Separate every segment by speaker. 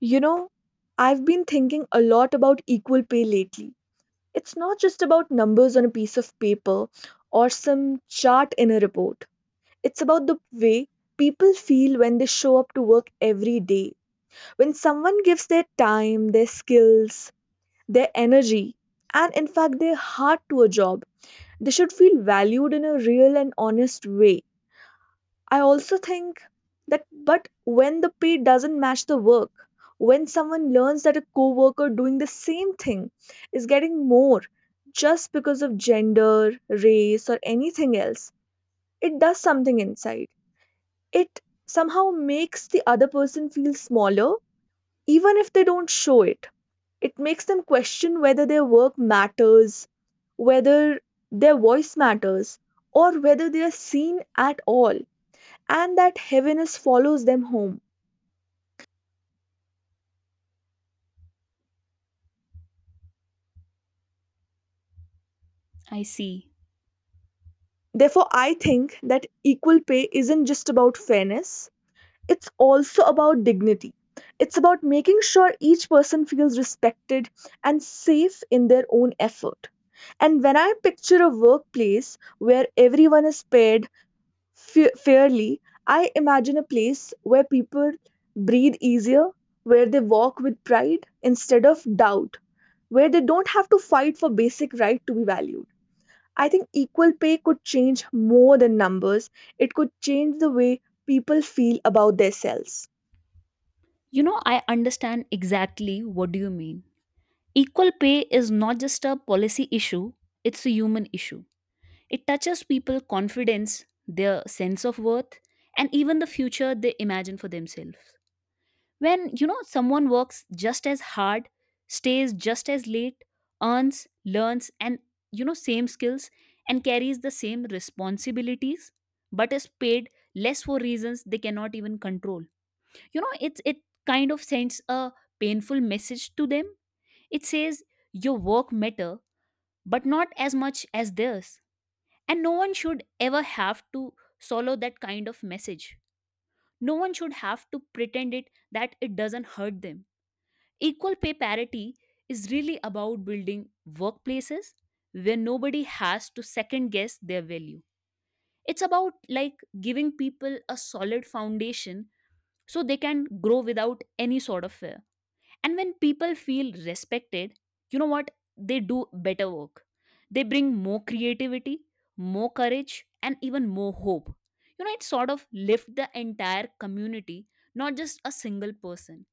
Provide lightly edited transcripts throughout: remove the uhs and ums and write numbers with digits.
Speaker 1: You know, I've been thinking a lot about equal pay lately. It's not just about numbers on a piece of paper or some chart in a report. It's about the way people feel when they show up to work every day. When someone gives their time, their skills, their energy, and in fact their heart to a job, they should feel valued in a real and honest way. I also think that, but when the pay doesn't match the work, when someone learns that a coworker doing the same thing is getting more just because of gender, race, or anything else, it does something inside. It somehow makes the other person feel smaller, even if they don't show it. It makes them question whether their work matters, whether their voice matters, or whether they are seen at all and that heaviness follows them home.
Speaker 2: I see.
Speaker 1: Therefore, I think that equal pay isn't just about fairness, it's also about dignity. It's about making sure each person feels respected and safe in their own effort. And when I picture a workplace where everyone is paid fairly, I imagine a place where people breathe easier, where they walk with pride instead of doubt, where they don't have to fight for basic right to be valued. I think equal pay could change more than numbers. It could change the way people feel about themselves.
Speaker 2: I understand exactly what do you mean. Equal pay is not just a policy issue, it's a human issue. It touches people' confidence, their sense of worth, and even the future they imagine for themselves. When, someone works just as hard, stays just as late, earns, learns and, same skills and carries the same responsibilities but is paid less for reasons they cannot even control. It kind of sends a painful message to them. It says your work matter, but not as much as theirs. And no one should ever have to swallow that kind of message. No one should have to pretend it, that it doesn't hurt them. Equal pay parity is really about building workplaces where nobody has to second guess their value. It's about like giving people a solid foundation so they can grow without any sort of fear. And when people feel respected, you know what, they do better work. They bring more creativity, more courage, and even more hope. It sort of lifts the entire community, not just a single person.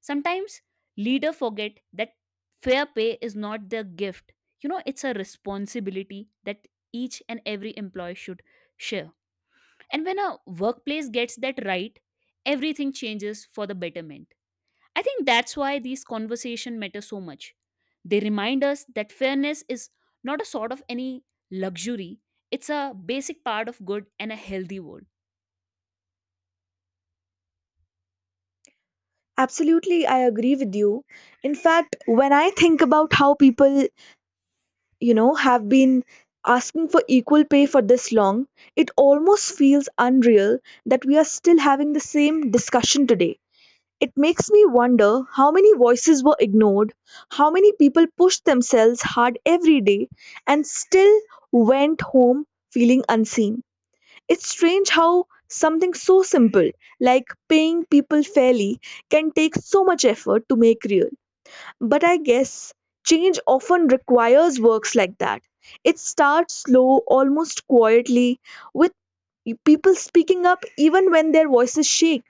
Speaker 2: Sometimes leaders forget that fair pay is not their gift. It's a responsibility that each and every employee should share. And when a workplace gets that right, everything changes for the betterment. I think that's why these conversation matter so much. They remind us that fairness is not a sort of any luxury, it's a basic part of good and a healthy world.
Speaker 1: Absolutely, I agree with you. In fact, when I think about how people, you know, have been asking for equal pay for this long, it almost feels unreal that we are still having the same discussion today. It makes me wonder how many voices were ignored, how many people pushed themselves hard every day and still went home feeling unseen. It's strange how something so simple like paying people fairly can take so much effort to make real. But I guess change often requires works like that. It starts slow, almost quietly, with people speaking up even when their voices shake,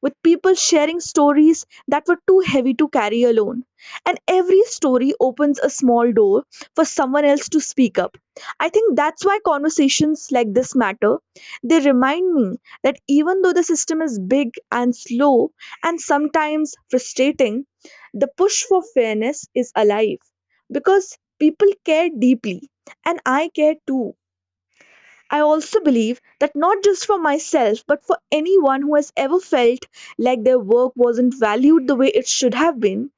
Speaker 1: with people sharing stories that were too heavy to carry alone. And every story opens a small door for someone else to speak up. I think that's why conversations like this matter. They remind me that even though the system is big and slow and sometimes frustrating, the push for fairness is alive because people care deeply, and I care too. I also believe that not just for myself, but for anyone who has ever felt like their work wasn't valued the way it should have been,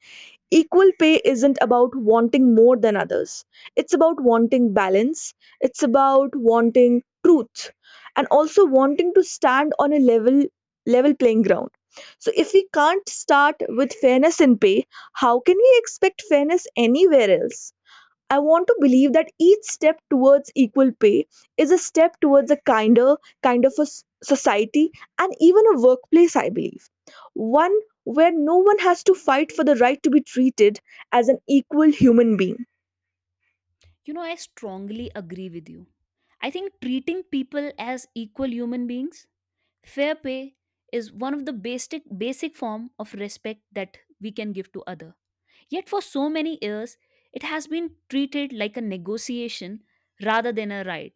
Speaker 1: equal pay isn't about wanting more than others. It's about wanting balance, it's about wanting truth, and also wanting to stand on a level playing ground. So if we can't start with fairness in pay, how can we expect fairness anywhere else? I want to believe that each step towards equal pay is a step towards a kinder kind of a society and even a workplace, I believe. One where no one has to fight for the right to be treated as an equal human being.
Speaker 2: I strongly agree with you. I think treating people as equal human beings, fair pay is one of the basic form of respect that we can give to others. Yet, for so many years, it has been treated like a negotiation rather than a right.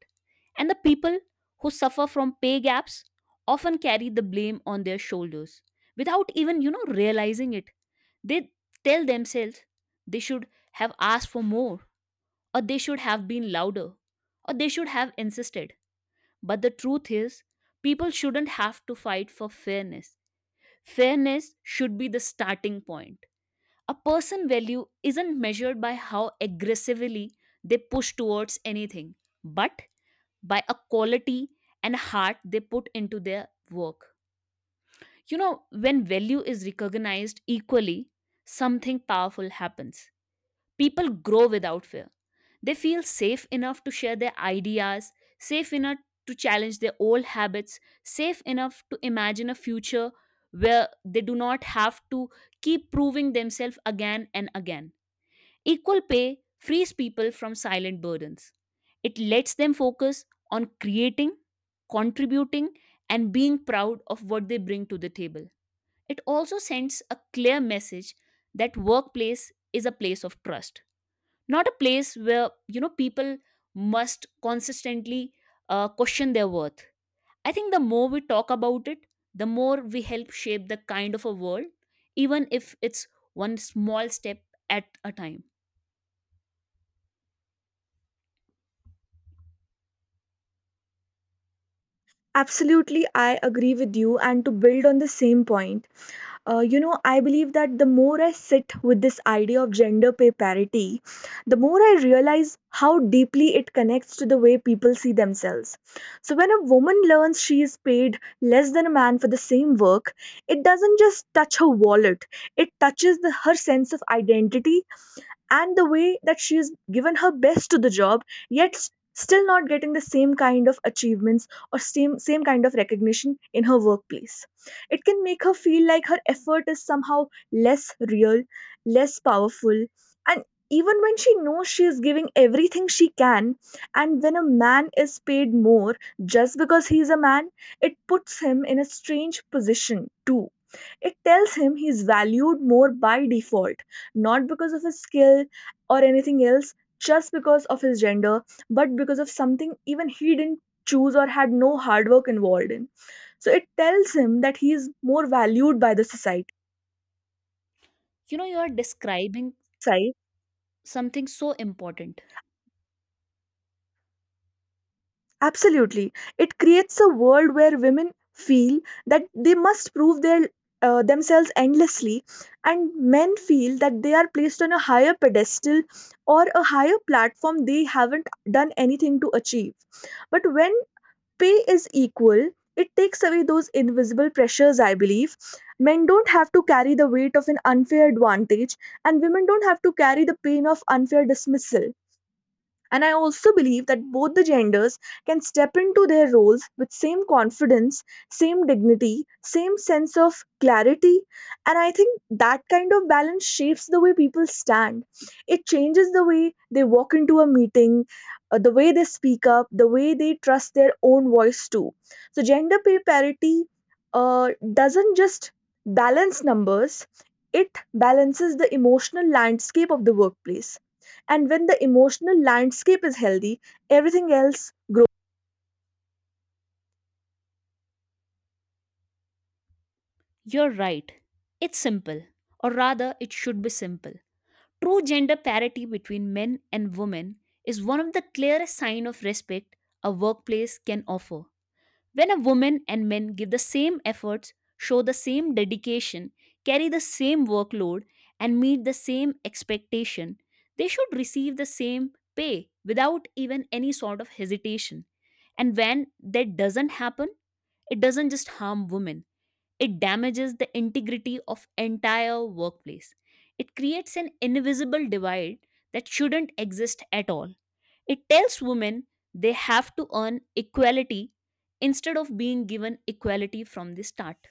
Speaker 2: And the people who suffer from pay gaps often carry the blame on their shoulders without even, realizing it. They tell themselves they should have asked for more, or they should have been louder, or they should have insisted. But the truth is, people shouldn't have to fight for fairness. Fairness should be the starting point. A person value isn't measured by how aggressively they push towards anything, but by a quality and heart they put into their work. You know when value is recognized equally, something powerful happens. People grow without fear. They feel safe enough to share their ideas, safe enough to challenge their old habits, safe enough to imagine a future where they do not have to keep proving themselves again and again. Equal pay frees people from silent burdens. It lets them focus on creating, contributing, and being proud of what they bring to the table. It also sends a clear message that workplace is a place of trust, not a place where people must consistently question their worth. I think the more we talk about it, the more we help shape the kind of a world, even if it's one small step at a time.
Speaker 1: Absolutely, I agree with you. And to build on the same point, I believe that the more I sit with this idea of gender pay parity, the more I realize how deeply it connects to the way people see themselves. So, when a woman learns she is paid less than a man for the same work, it doesn't just touch her wallet, it touches her sense of identity and the way that she has given her best to the job yet still not getting the same kind of achievements or same kind of recognition in her workplace. It can make her feel like her effort is somehow less real, less powerful, and even when she knows she is giving everything she can. And when a man is paid more just because he is a man, it puts him in a strange position too. It tells him he's valued more by default, not because of his skill or anything else, just because of his gender, but because of something even he didn't choose or had no hard work involved in. So it tells him that he is more valued by the society.
Speaker 2: You know, you're describing
Speaker 1: Sai,
Speaker 2: something so important.
Speaker 1: absolutely. It creates a world where women feel that they must prove their themselves endlessly, and men feel that they are placed on a higher pedestal or a higher platform they haven't done anything to achieve. But when pay is equal, it takes away those invisible pressures, I believe. Men don't have to carry the weight of an unfair advantage, and women don't have to carry the pain of unfair dismissal. And I also believe that both the genders can step into their roles with same confidence, same dignity, same sense of clarity. And I think that kind of balance shapes the way people stand. It changes the way they walk into a meeting, the way they speak up, the way they trust their own voice too. So gender pay parity uh, doesn't just balance numbers, it balances the emotional landscape of the workplace. And when the emotional landscape is healthy, everything else grows.
Speaker 2: You're right. It's simple, or rather, it should be simple. True gender parity between men and women is one of the clearest signs of respect a workplace can offer. When a woman and men give the same efforts, show the same dedication, carry the same workload, and meet the same expectation, they should receive the same pay without even any sort of hesitation. And when that doesn't happen, it doesn't just harm women, it damages the integrity of entire workplace. It creates an invisible divide that shouldn't exist at all. It tells women they have to earn equality instead of being given equality from the start.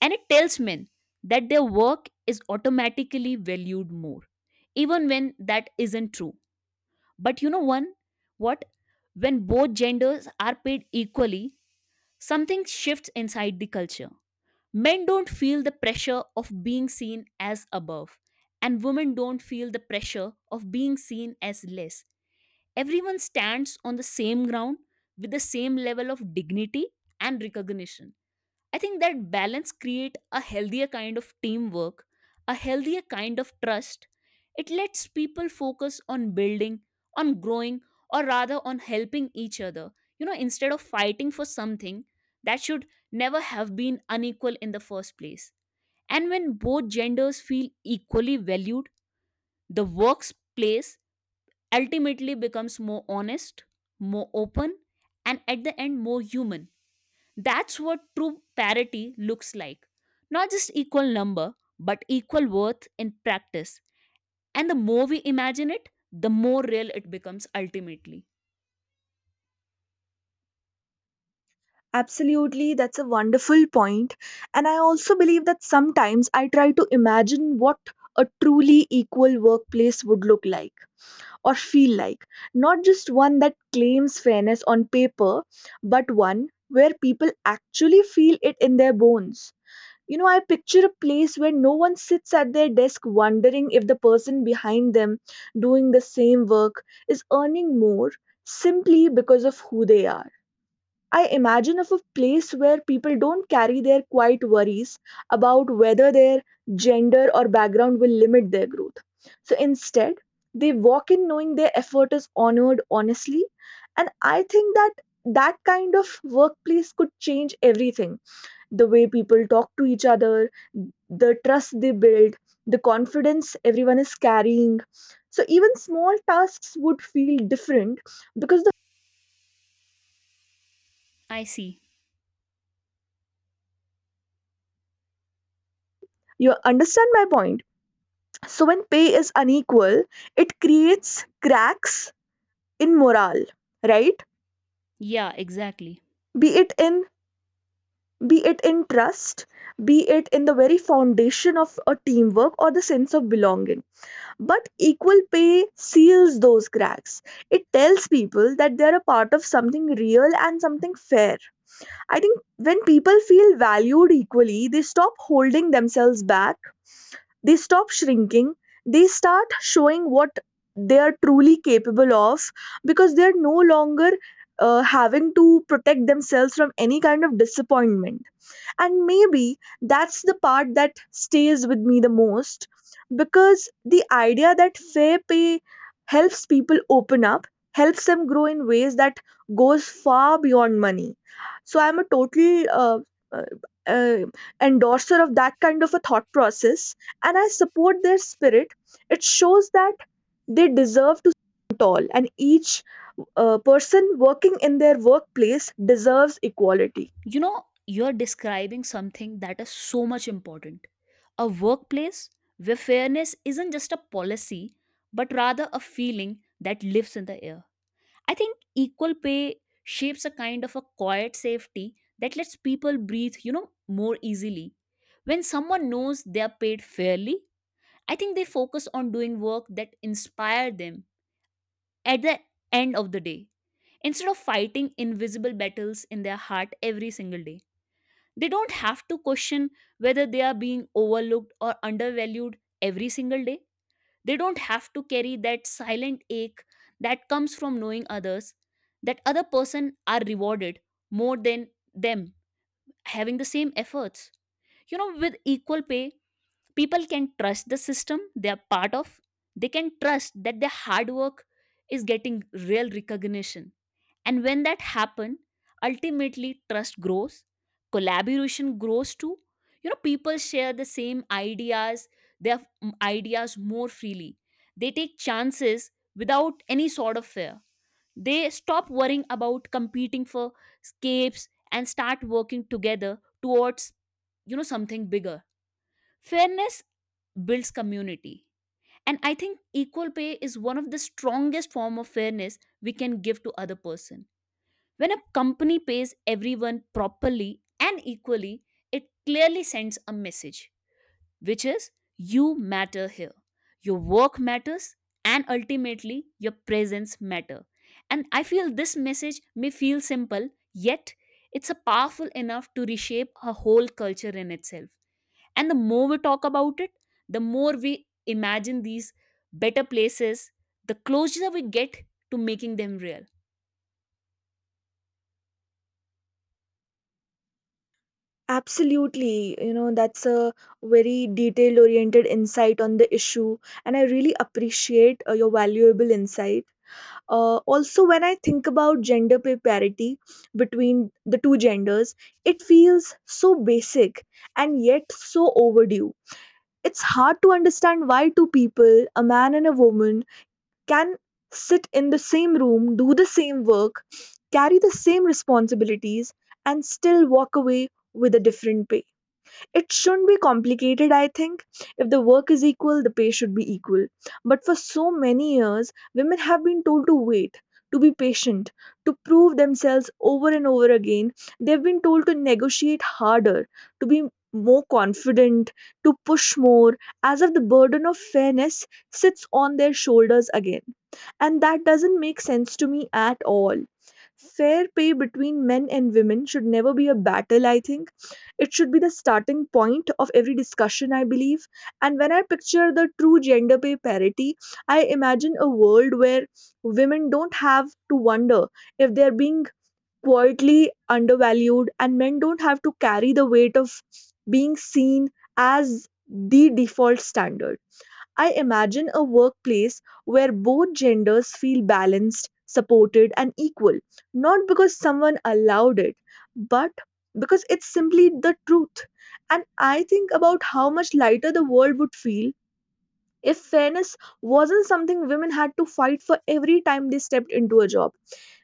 Speaker 2: And it tells men that their work is automatically valued more, even when that isn't true. But you know one what? When both genders are paid equally, something shifts inside the culture. Men don't feel the pressure of being seen as above, and women don't feel the pressure of being seen as less. Everyone stands on the same ground with the same level of dignity and recognition. I think that balance create a healthier kind of teamwork, a healthier kind of trust. It lets people focus on building, on growing, or rather on helping each other. Instead of fighting for something that should never have been unequal in the first place. And when both genders feel equally valued, the workplace ultimately becomes more honest, more open, and at the end more human. That's what true parity looks like. Not just equal number, but equal worth in practice. And the more we imagine it, the more real it becomes ultimately.
Speaker 1: Absolutely, that's a wonderful point. And I also believe that sometimes I try to imagine what a truly equal workplace would look like or feel like. Not just one that claims fairness on paper, but one where people actually feel it in their bones. You know, I picture a place where no one sits at their desk wondering if the person behind them doing the same work is earning more simply because of who they are. I imagine of a place where people don't carry their quiet worries about whether their gender or background will limit their growth. So instead, they walk in knowing their effort is honored honestly. And I think that that kind of workplace could change everything: the way people talk to each other, the trust they build, the confidence everyone is carrying. So even small tasks would feel different because
Speaker 2: I see.
Speaker 1: you understand my point. So when pay is unequal, it creates cracks in morale, right?
Speaker 2: Yeah, exactly.
Speaker 1: Be it in be it in trust, be it in the very foundation of a teamwork or the sense of belonging. But equal pay seals those cracks. It tells people that they're a part of something real and something fair. I think when people feel valued equally, they stop holding themselves back, they stop shrinking, they start showing what they are truly capable of because they're no longer having to protect themselves from any kind of disappointment. And maybe that's the part that stays with me the most because the idea that fair pay helps people open up, helps them grow in ways that goes far beyond money. So I'm a total uh, uh, endorser of that kind of a thought process and I support their spirit. It shows that they deserve to stand tall and each person working in their workplace deserves equality.
Speaker 2: You know, you're describing something that is so much important. A workplace where fairness isn't just a policy, but rather a feeling that lives in the air. I think equal pay shapes a kind of a quiet safety that lets people breathe, more easily. When someone knows they are paid fairly, I think they focus on doing work that inspire them at the end of the day instead of fighting invisible battles in their heart every single day. They don't have to question whether they are being overlooked or undervalued every single day. They don't have to carry that silent ache that comes from knowing others, that other person are rewarded more than them having the same efforts. With equal pay, people can trust the system they are part of. They can trust that their hard work is getting real recognition. And when that happen, ultimately trust grows, collaboration grows too. You know, people share the same ideas, their ideas more freely. They take chances without any sort of fear. They stop worrying about competing for scapes and start working together towards, something bigger. Fairness builds community. And I think equal pay is one of the strongest form of fairness we can give to other person. When a company pays everyone properly and equally, it clearly sends a message, which is you matter here. Your work matters and ultimately your presence matter. And I feel this message may feel simple, yet it's a powerful enough to reshape a whole culture in itself. And the more we talk about it, the more we imagine these better places, the closer we get to making them real.
Speaker 1: Absolutely. You know, that's a very detailed oriented insight on the issue, and I really appreciate your valuable insight. Also, when I think about gender pay parity between the two genders, it feels so basic and yet so overdue. It's hard to understand why two people, a man and a woman, can sit in the same room, do the same work, carry the same responsibilities, and still walk away with a different pay. It shouldn't be complicated, I think. If the work is equal, the pay should be equal. But for so many years, women have been told to wait, to be patient, to prove themselves over and over again. They've been told to negotiate harder, to be more confident, to push more, as if the burden of fairness sits on their shoulders again. And that doesn't make sense to me at all. Fair pay between men and women should never be a battle, I think it should be the starting point of every discussion, I believe. And when I picture the true gender pay parity, I imagine a world where women don't have to wonder if they're being quietly undervalued and men don't have to carry the weight of being seen as the default standard. I imagine a workplace where both genders feel balanced, supported, and equal, not because someone allowed it, but because it's simply the truth. And I think about how much lighter the world would feel if fairness wasn't something women had to fight for every time they stepped into a job,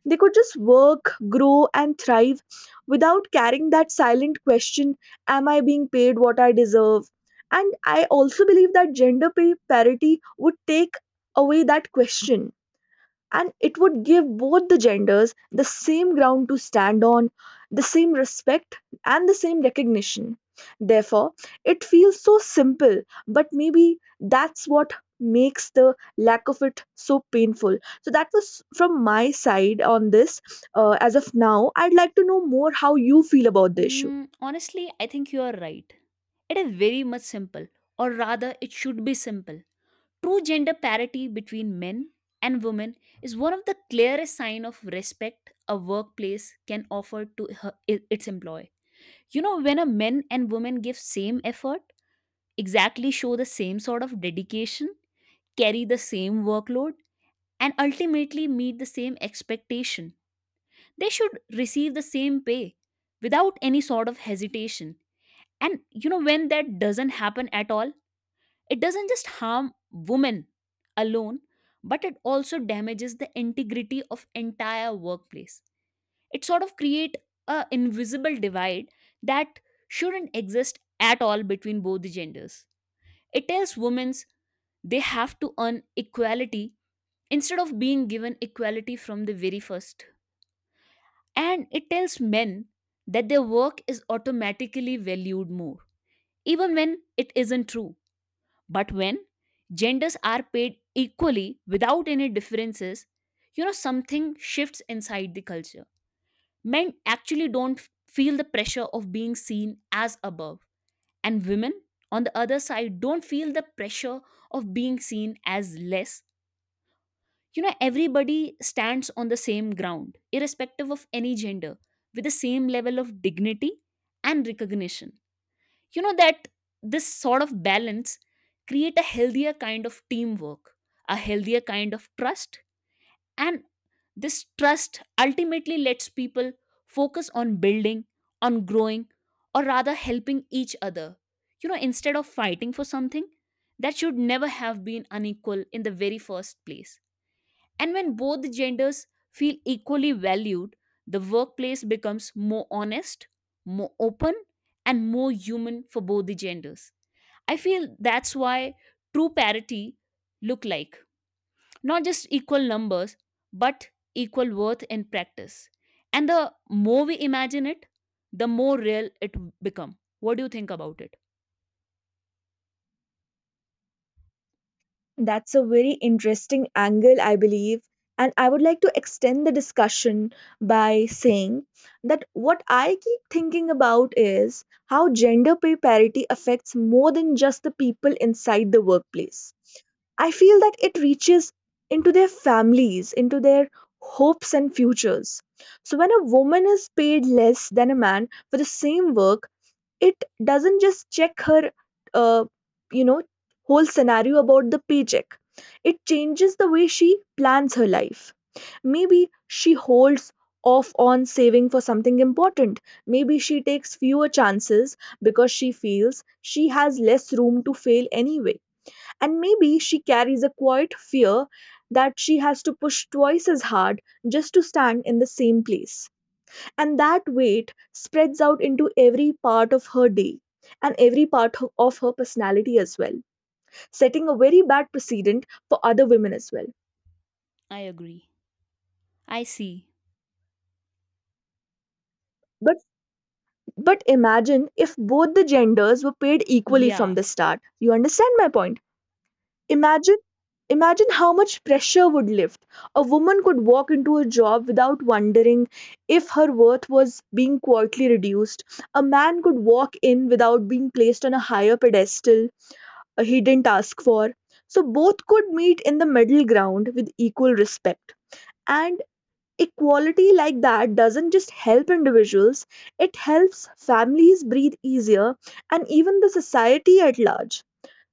Speaker 1: they could just work, grow, and thrive without carrying that silent question: Am I being paid what I deserve? And I also believe that gender pay parity would take away that question and it would give both the genders the same ground to stand on, the same respect, and the same recognition. Therefore, it feels so simple, but maybe that's what makes the lack of it so painful. So, that was from my side on this. As of now, I'd like to know more how you feel about the issue.
Speaker 2: Mm, honestly, I think you are right. It is very much simple, or rather, it should be simple. True gender parity between men and women is one of the clearest sign of respect a workplace can offer to her, its employee. When a men and women give same effort, exactly show the same sort of dedication, carry the same workload, and ultimately meet the same expectation, they should receive the same pay without any sort of hesitation. And when that doesn't happen at all, it doesn't just harm women alone, but it also damages the integrity of entire workplace. It sort of create a invisible divide that shouldn't exist at all between both the genders. It tells women they have to earn equality instead of being given equality from the very first. And it tells men that their work is automatically valued more, even when it isn't true. But when genders are paid equally without any differences, something shifts inside the culture. Men actually don't feel the pressure of being seen as above, and women, on the other side, don't feel the pressure of being seen as less. Everybody stands on the same ground, irrespective of any gender, with the same level of dignity and recognition. You know that This sort of balance create a healthier kind of teamwork, a healthier kind of trust. And this trust ultimately lets people focus on building, on growing, or rather helping each other. Instead of fighting for something that should never have been unequal in the very first place. And when both genders feel equally valued, the workplace becomes more honest, more open, and more human for both the genders. I feel that's why true parity look like, not just equal numbers, but equal worth in practice. And the more we imagine it, the more real it become. What do you think about it?
Speaker 1: That's a very interesting angle, I believe. And I would like to extend the discussion by saying that what I keep thinking about is how gender pay parity affects more than just the people inside the workplace. I feel that it reaches into their families, into their hopes and futures. So, when a woman is paid less than a man for the same work, it doesn't just check her, uh, you know whole scenario about the paycheck. It changes the way she plans her life. Maybe she holds off on saving for something important. Maybe she takes fewer chances because she feels she has less room to fail anyway. And maybe she carries a quiet fear that she has to push twice as hard just to stand in the same place, and that weight spreads out into every part of her day and every of her personality as well, setting a very bad precedent for other women as well.
Speaker 2: I agree. I see.
Speaker 1: But but imagine if both the genders were paid equally from
Speaker 2: Yeah.
Speaker 1: the start. You understand my point? Imagine imagine how much pressure would lift. A woman could walk into a job without wondering if her worth was being quietly reduced. A man could walk in without being placed on a higher pedestal, a hidden task for. So both could meet in the middle ground with equal respect. And equality like that doesn't just help individuals, it helps families breathe easier and even the society at large.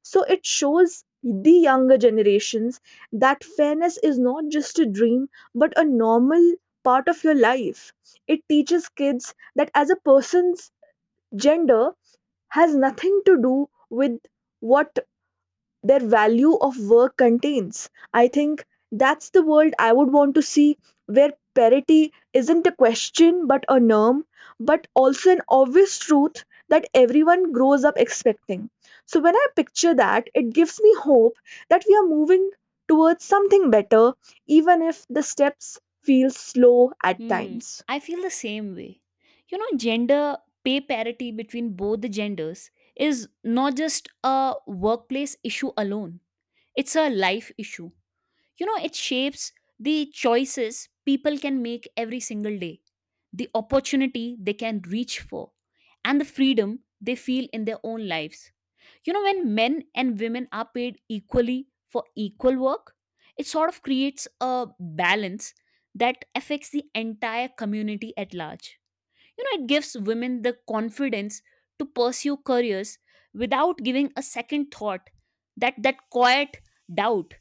Speaker 1: So it shows the younger generations that fairness is not just a dream but a normal part of your life. It teaches kids that as a person's gender has nothing to do with what their value of work contains. I think that's the world I would want to see, where parity isn't a question but a norm, but also an obvious truth that everyone grows up expecting. So when I picture that, it gives me hope that we are moving towards something better, even if the steps feel slow at
Speaker 2: Hmm.
Speaker 1: times.
Speaker 2: I feel the same way. You know, gender pay parity between both the genders is not just a workplace issue alone. It's a life issue. You know, it shapes the choices people can make every single day, the opportunity they can reach for, and the freedom they feel in their own lives. You know, when men and women are paid equally for equal work, it sort of creates a balance that affects the entire community at large. You know, it gives women the confidence to pursue careers without giving a second thought, that quiet doubt,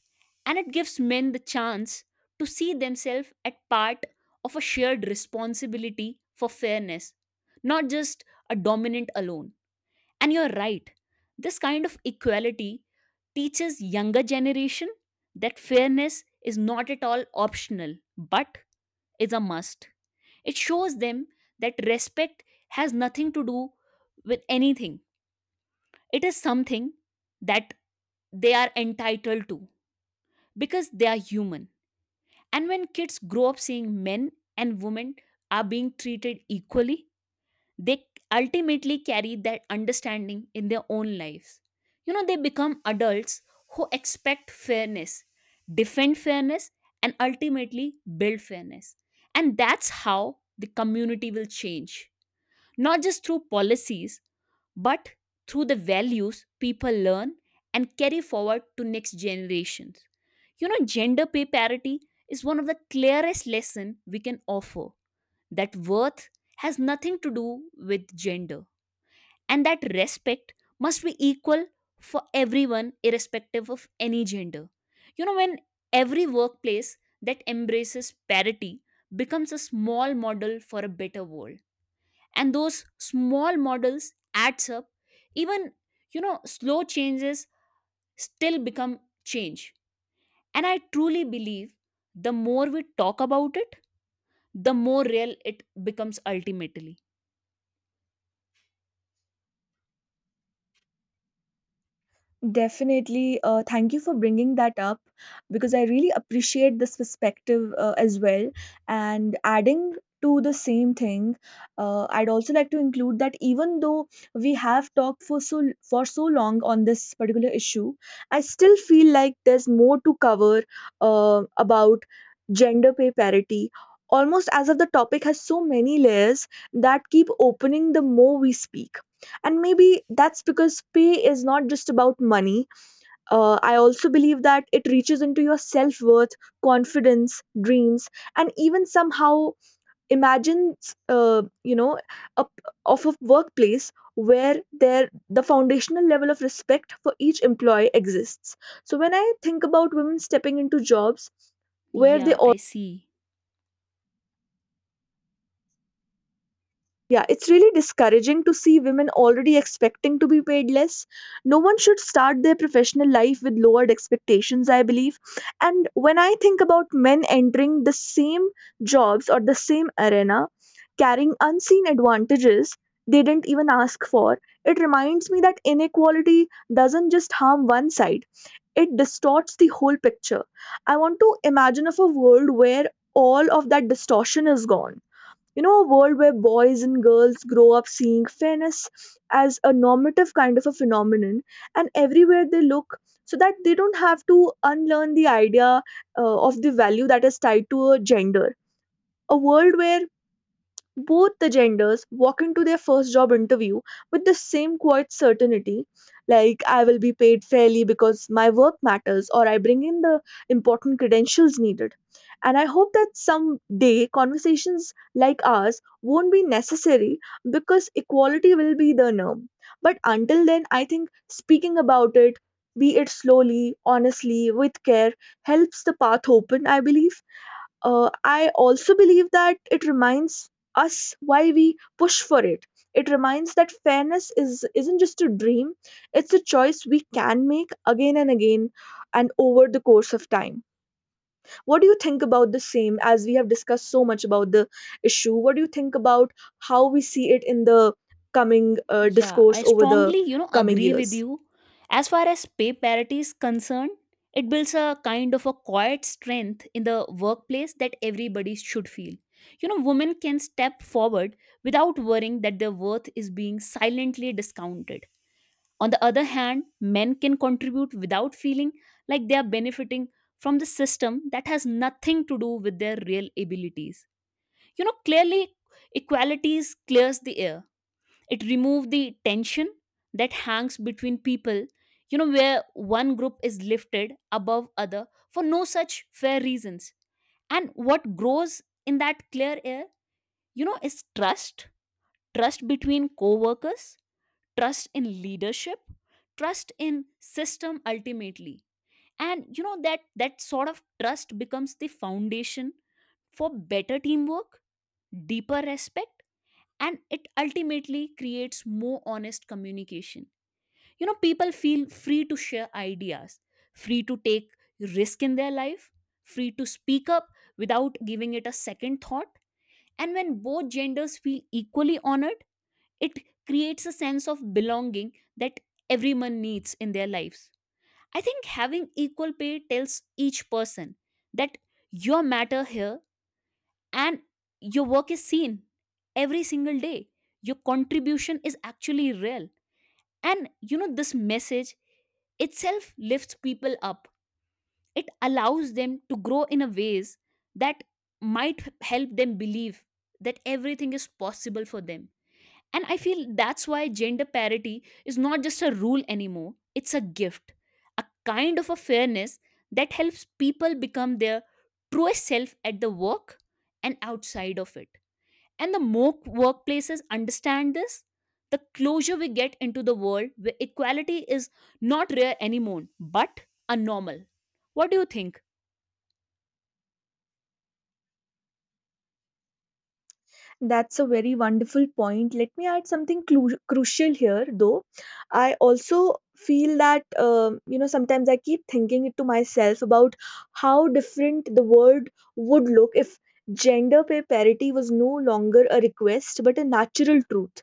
Speaker 2: and it gives men the chance to see themselves at part of a shared responsibility for fairness, not just a dominant alone. And you're right, this kind of equality teaches younger generation that fairness is not at all optional but is a must. It shows them that respect has nothing to do with anything, it is something that they are entitled to because they are human. And when kids grow up seeing men and women are being treated equally, they ultimately carry that understanding in their own lives. You know, they become adults who expect fairness, defend fairness, and ultimately build fairness. And that's how the community will change, not just through policies, but through the values people learn and carry forward to next generations. You know, gender pay parity is one of the clearest lessons we can offer, that worth has nothing to do with gender and that respect must be equal for everyone irrespective of any gender. You know, when every workplace that embraces parity becomes a small model for a better world, and those small models adds up. Even, you know, slow changes still become change, and I truly believe the more we talk about it, the more real it becomes ultimately.
Speaker 1: Definitely. Thank you for bringing that up because I really appreciate this perspective as well. And adding to the same thing, I'd also like to include that even though we have talked for so long on this particular issue, I still feel like there's more to cover about gender pay parity. Almost as if the topic has so many layers that keep opening the more we speak. And maybe that's because pay is not just about money. I also believe that it reaches into your self-worth, confidence, dreams, and even somehow imagines you know a, of a workplace where there the foundational level of respect for each employee exists. So when I think about women stepping into jobs where they—
Speaker 2: Yeah, I see.
Speaker 1: yeah, it's really discouraging to see women already expecting to be paid less. No one should start their professional life with lowered expectations, I believe. And when I think about men entering the same jobs or the same arena, carrying unseen advantages they didn't even ask for, it reminds me that inequality doesn't just harm one side, it distorts the whole picture. I want to imagine of a world where all of that distortion is gone. You know, a world where boys and girls grow up seeing fairness as a normative kind of a phenomenon and everywhere they look, so that they don't have to unlearn the idea of the value that is tied to a gender. A world where both the genders walk into their first job interview with the same quiet certainty, like I will be paid fairly because my work matters, or I bring in the important credentials needed. And I hope that someday conversations like ours won't be necessary because equality will be the norm. But until then, I think speaking about it, be it slowly, honestly, with care, helps the path open, I believe. I also believe that it reminds us why we push for it. It reminds that fairness is isn't just a dream; it's a choice we can make again and again, and over the course of time. What do you think about the same? As we have discussed so much about the issue, what do you think about how we see it in the coming
Speaker 2: Yeah,
Speaker 1: discourse
Speaker 2: I
Speaker 1: over the
Speaker 2: strongly, you know,
Speaker 1: coming
Speaker 2: agree with
Speaker 1: years?
Speaker 2: you. As far as pay parity is concerned, it builds a kind of a quiet strength in the workplace that everybody should feel. You know, women can step forward without worrying that their worth is being silently discounted. On the other hand, men can contribute without feeling like they are benefiting from the system that has nothing to do with their real abilities. You know, clearly, equalities clears the air. It removes the tension that hangs between people, you know, where one group is lifted above other for no such fair reasons. And what grows in that clear air, you know, is trust. Trust between co-workers, trust in leadership, trust in system ultimately. And you know that sort of trust becomes the foundation for better teamwork, deeper respect, and it ultimately creates more honest communication. You know, people feel free to share ideas, free to take risk in their life, free to speak up without giving it a second thought. And when both genders feel equally honored, it creates a sense of belonging that everyone needs in their lives. I think having equal pay tells each person that your matter here and your work is seen every single day, your contribution is actually real. And you know this message itself lifts people up, it allows them to grow in a ways that help them believe that everything is possible for them. And I feel that's why gender parity is not just a rule anymore, it's a gift, a kind of a fairness that helps people become their truest self at the work and outside of it. And the more workplaces understand this, the closer we get into the world where equality is not rare anymore, but a normal. What do you think?
Speaker 1: That's a very wonderful point. Let me add something crucial here, though. I also feel that, sometimes I keep thinking it to myself about how different the world would look if gender pay parity was no longer a request but a natural truth.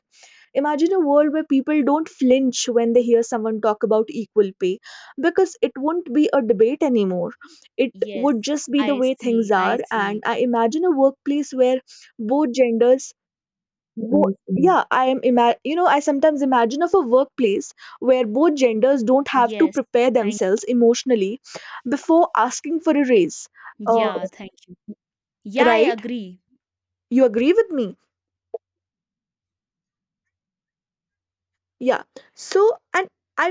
Speaker 1: Imagine a world where people don't flinch when they hear someone talk about equal pay because it won't be a debate anymore. It
Speaker 2: Yes,
Speaker 1: would just be the
Speaker 2: I
Speaker 1: way things
Speaker 2: see.
Speaker 1: are.
Speaker 2: I see.
Speaker 1: And I imagine a workplace where both genders— Bo- yeah, I am ima- you know, I sometimes imagine of a workplace where both genders don't have to
Speaker 2: Yes.
Speaker 1: prepare
Speaker 2: Thank.
Speaker 1: themselves emotionally before asking for a raise.
Speaker 2: Yeah,
Speaker 1: Yes.
Speaker 2: thank you. Yeah, I
Speaker 1: Right?
Speaker 2: agree.
Speaker 1: You agree with me? Yeah. So, and I